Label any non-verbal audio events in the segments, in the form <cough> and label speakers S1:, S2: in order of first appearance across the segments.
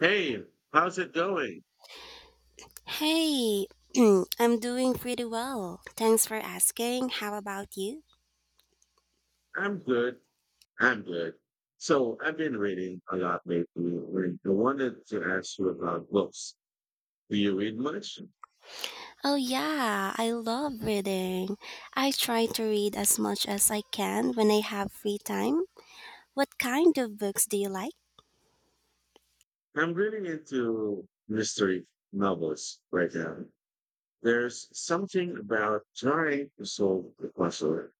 S1: Hey, how's it going?
S2: Hey, <clears throat> I'm doing pretty well. Thanks for asking. How about you?
S1: I'm good. I'm good. So I've been reading a lot lately, and I wanted to ask you about books. Do you read much?
S2: Oh, yeah, I love reading. I try to read as much as I can when I have free time. What kind of books do you like?
S1: I'm really into mystery novels right now. There's something about trying to solve the puzzle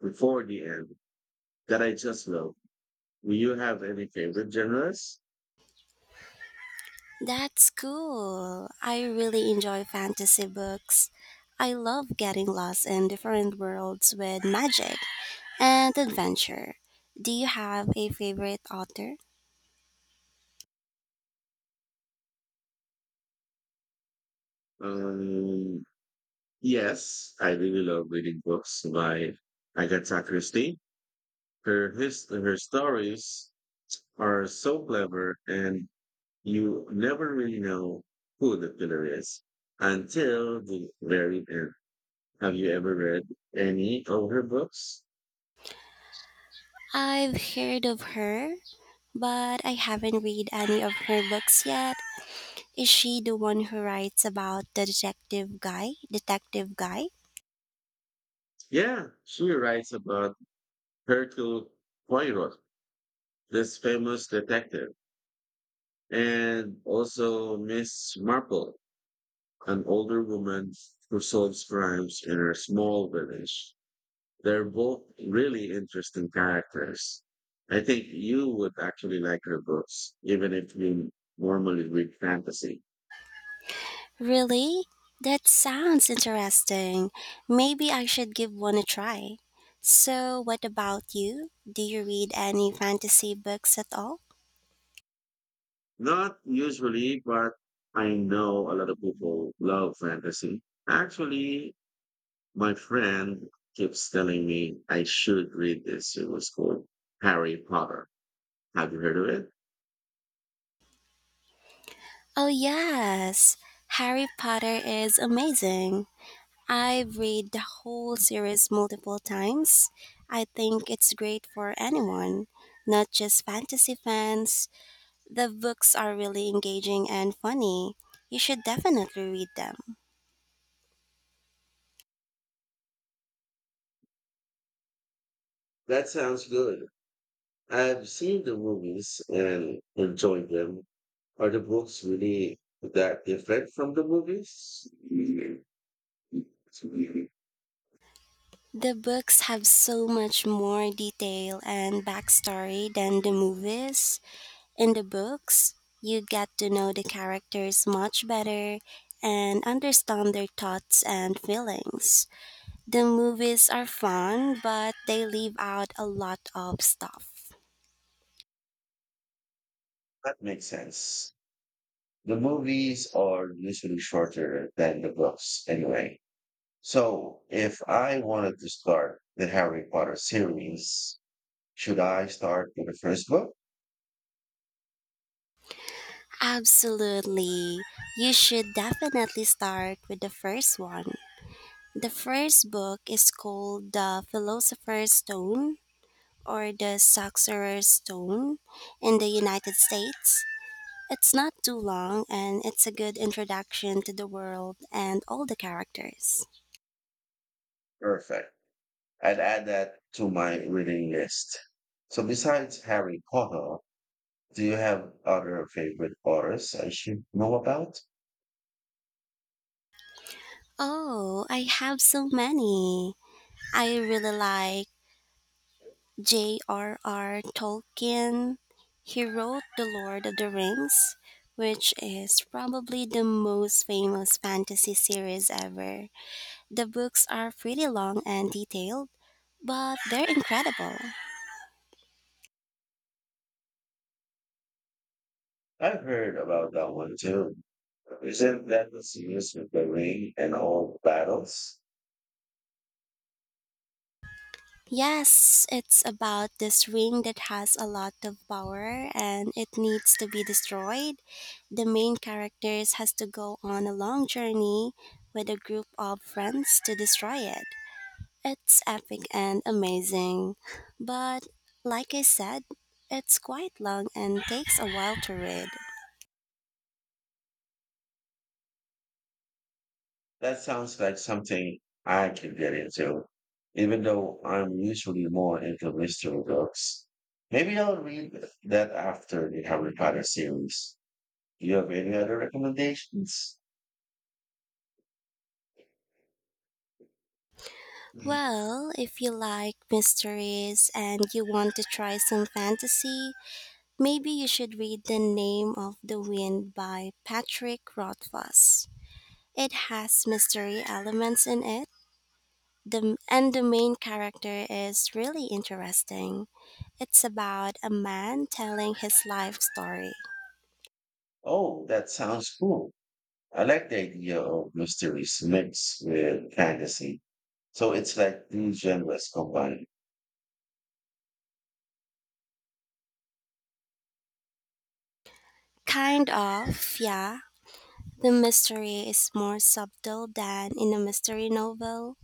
S1: before the end that I just love. Do you have any favorite genres?
S2: That's cool. I really enjoy fantasy books. I love getting lost in different worlds with magic and adventure. Do you have a favorite author?
S1: Um, yes, I really love reading books by Agatha Christie. Her stories are so clever, and you never really know who the killer is until the very end. Have you ever read any of her books?
S2: I've heard of her, but I haven't read any of her books yet. Is she the one who writes about the detective guy?
S1: Yeah, she writes about Hercule Poirot, this famous detective, and also Miss Marple, an older woman who solves crimes in her small village. They're both really interesting characters. I think you would actually like her books, even if you normally read fantasy.
S2: Really? That sounds interesting. Maybe I should give one a try. So, what about you? Do you read any fantasy books at all?
S1: Not usually, but I know a lot of people love fantasy. Actually, my friend keeps telling me I should read this. It was called Harry Potter. Have you heard of it?
S2: Oh, yes. Harry Potter is amazing. I've read the whole series multiple times. I think it's great for anyone, not just fantasy fans. The books are really engaging and funny. You should definitely read them.
S1: That sounds good. I've seen the movies and enjoyed them. Are the books really that different from the movies? That
S2: The books have so much more detail and backstory than the movies. In the books, you get to know the characters much better and understand their thoughts and feelings. The movies are fun, but they leave out a lot of stuff.
S1: makes sense. The movies are usually shorter than the books anyway. So if I wanted to start the Harry Potter series, should I start with the first book?
S2: Absolutely. You should definitely start with the first one. The first book is called The Philosopher's Stone, or The Sorcerer's Stone in the United States. It's not too long and it's a good introduction to the world and all the characters.
S1: Perfect. I'd add that to my reading list. So besides Harry Potter, do you have other favorite authors I should know about?
S2: Oh, I have so many. I really like J.R.R. Tolkien. He wrote The Lord of the Rings, which is probably the most famous fantasy series ever. The books are pretty long and detailed, but they're incredible.
S1: I've heard about that one too. Isn't that the series with the ring and all battles?
S2: Yes, it's about this ring that has a lot of power and it needs to be destroyed. The main characters has to go on a long journey with a group of friends to destroy it. It's epic and amazing, but, like I said, it's quite long and takes a while to read.
S1: That sounds like something I could get into, even though I'm usually more into mystery books. Maybe I'll read that after the Harry Potter series. Do you have any other recommendations?
S2: Well, if you like mysteries and you want to try some fantasy, maybe you should read The Name of the Wind by Patrick Rothfuss. It has mystery elements in it, and the main character is really interesting. It's about a man telling his life story.
S1: Oh, that sounds cool. I like the idea of mysteries mixed with fantasy. So it's like these genres combined.
S2: Kind of, yeah. The mystery is more subtle than in a mystery novel,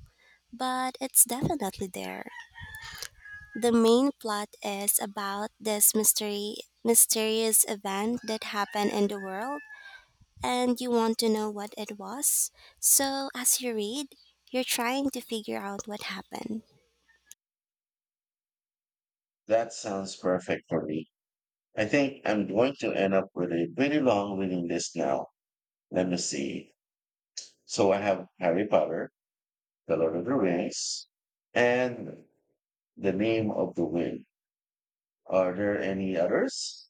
S2: but it's definitely there. The main plot is about this mystery mysterious event that happened in the world, and you want to know what it was. So as you read, you're trying to figure out what happened.
S1: That sounds perfect for me. I think I'm going to end up with a pretty long reading list now. Let me see. So I have Harry Potter, The Lord of the Rings, and The Name of the Wind. Are there any others?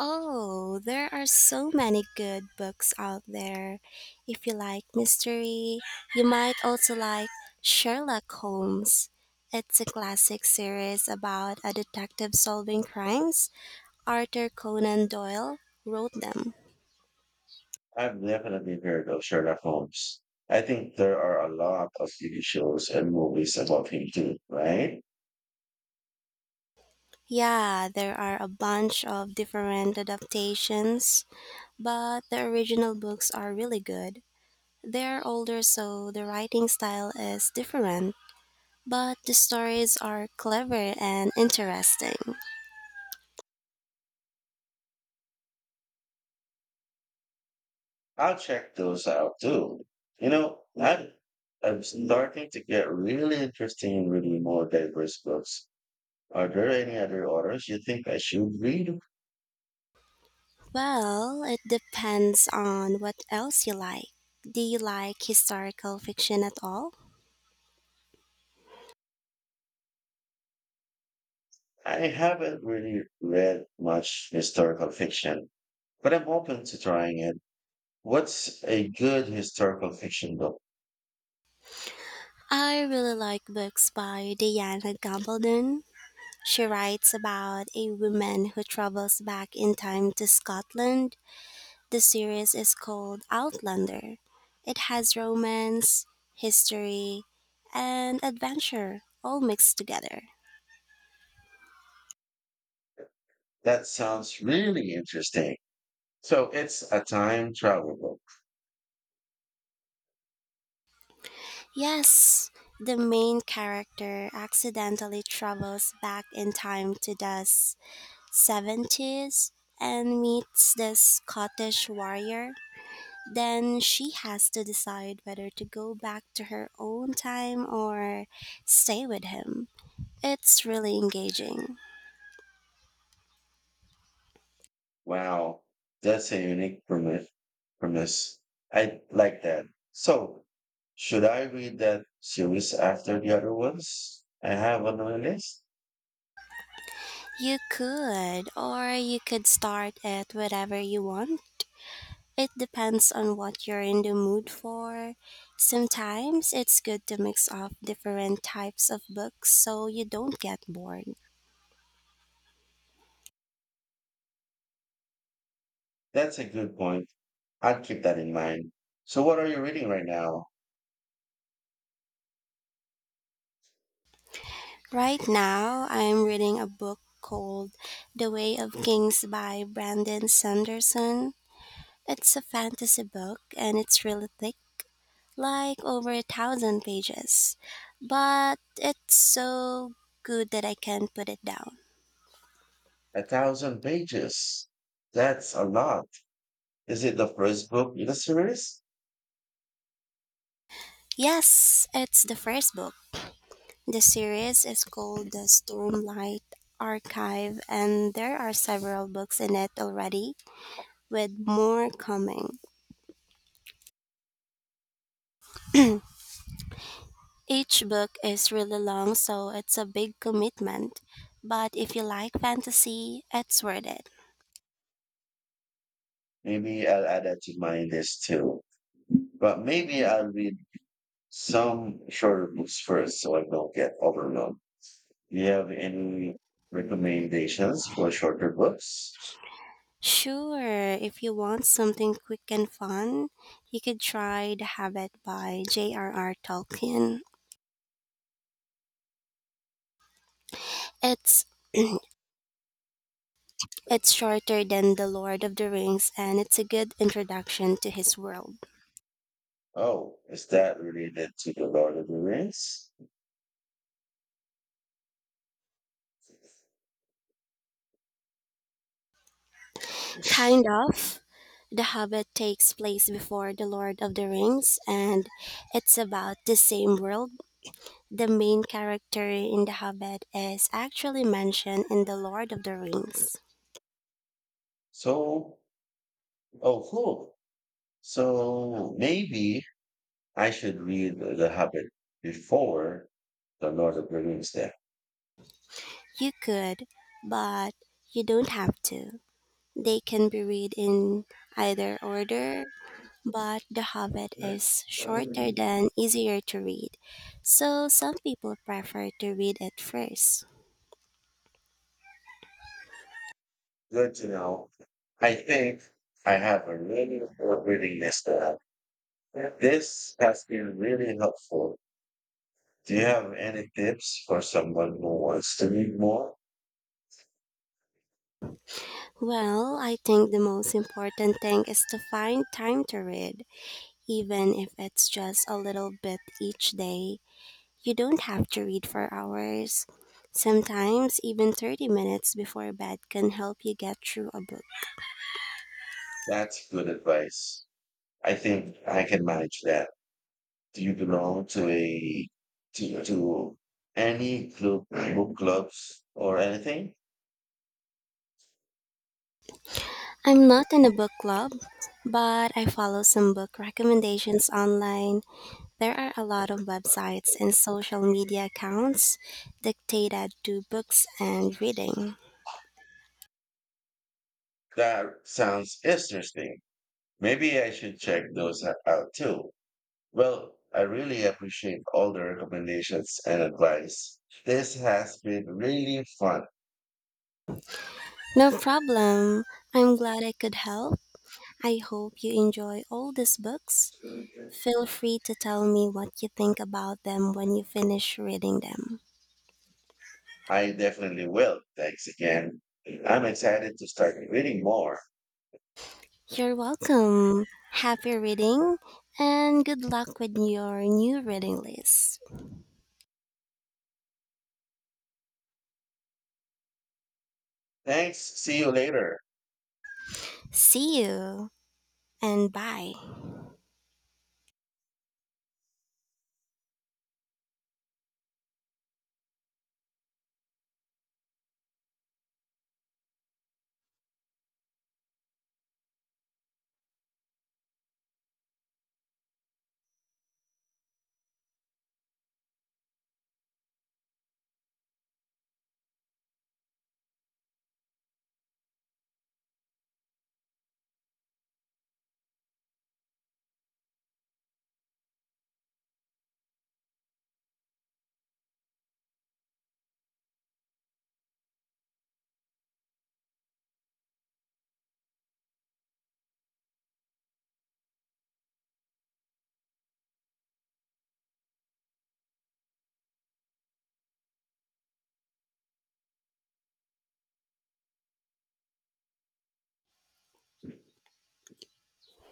S2: Oh, there are so many good books out there. If you like mystery, you might also like Sherlock Holmes. It's a classic series about a detective solving crimes. Arthur Conan Doyle wrote them.
S1: I've definitely heard of Sherlock Holmes. I think there are a lot of TV shows and movies about him too, right?
S2: Yeah, there are a bunch of different adaptations, but the original books are really good. They're older, so the writing style is different. But the stories are clever and interesting.
S1: I'll check those out too. You know, I'm, I'm starting to get really interested in reading more diverse books. Are there any other authors you think I should read?
S2: Well, it depends on what else you like. Do you like historical fiction at all?
S1: I haven't really read much historical fiction, but I'm open to trying it. What's a good historical fiction book?
S2: I really like books by Diana Gabaldon. She writes about a woman who travels back in time to Scotland. The series is called Outlander. It has romance, history, and adventure all mixed together.
S1: That sounds really interesting. So it's a time travel book.
S2: Yes, the main character accidentally travels back in time to the 70s and meets this Scottish warrior. Then she has to decide whether to go back to her own time or stay with him. It's really engaging.
S1: Wow, that's a unique premise. I like that. So, should I read that series after the other ones I have on my list?
S2: You could, or you could start it wherever you want. It depends on what you're in the mood for. Sometimes it's good to mix up different types of books so you don't get bored.
S1: That's a good point. I would keep that in mind. So, what are you reading right now?
S2: Right now, I'm reading a book called The Way of Kings by Brandon Sanderson. It's a fantasy book and it's really thick, like over 1,000 pages, but it's so good that I can't put it down.
S1: A thousand pages. That's a lot. Is it the first book in the series?
S2: Yes, it's the first book. The series is called the Stormlight Archive, and there are several books in it already, with more coming. Each book is really long, so it's a big commitment, but if you like fantasy, it's worth it.
S1: Maybe I'll add that to my list too. But maybe I'll read some shorter books first so I don't get overwhelmed. Do you have any recommendations for shorter books?
S2: Sure, if you want something quick and fun, you could try The Hobbit* by J.R.R. Tolkien. It's it's shorter than The Lord of the Rings and it's a good introduction to his world.
S1: Oh, is that related to the Lord of the Rings?
S2: Kind of. The Hobbit takes place before The Lord of the Rings, and it's about the same world. The main character in The Hobbit is actually mentioned in The Lord of the Rings.
S1: So, oh, cool. So maybe I should read the Hobbit before The Lord of the Rings then.
S2: You could, but you don't have to. They can be read in either order, but The Hobbit is shorter
S1: Mm.
S2: than easier to read, so some people prefer to read it first.
S1: Good to know. I think I have a really good reading list now. This has been really helpful. Do you have any tips for someone who wants to read more?
S2: Well, I think the most important thing is to find time to read, even if it's just a little bit each day. You don't have to read for hours. Sometimes, even 30 minutes before bed can help you get through a book.
S1: That's good advice. I think I can manage that. Do you belong to to, to any club, book clubs or anything?
S2: I'm not in a book club, but I follow some book recommendations online. There are a lot of websites and social media accounts dictated to books and reading.
S1: That sounds interesting. Maybe I should check those out too. Well, I really appreciate all the recommendations and advice. This has been really fun.
S2: No problem. I'm glad I could help. I hope you enjoy all these books. Feel free to tell me what you think about them when you finish reading them.
S1: I definitely will. Thanks again. I'm excited to start reading more.
S2: You're welcome. Happy reading, and good luck with your new reading list.
S1: Thanks. See you later.
S2: See you, and bye.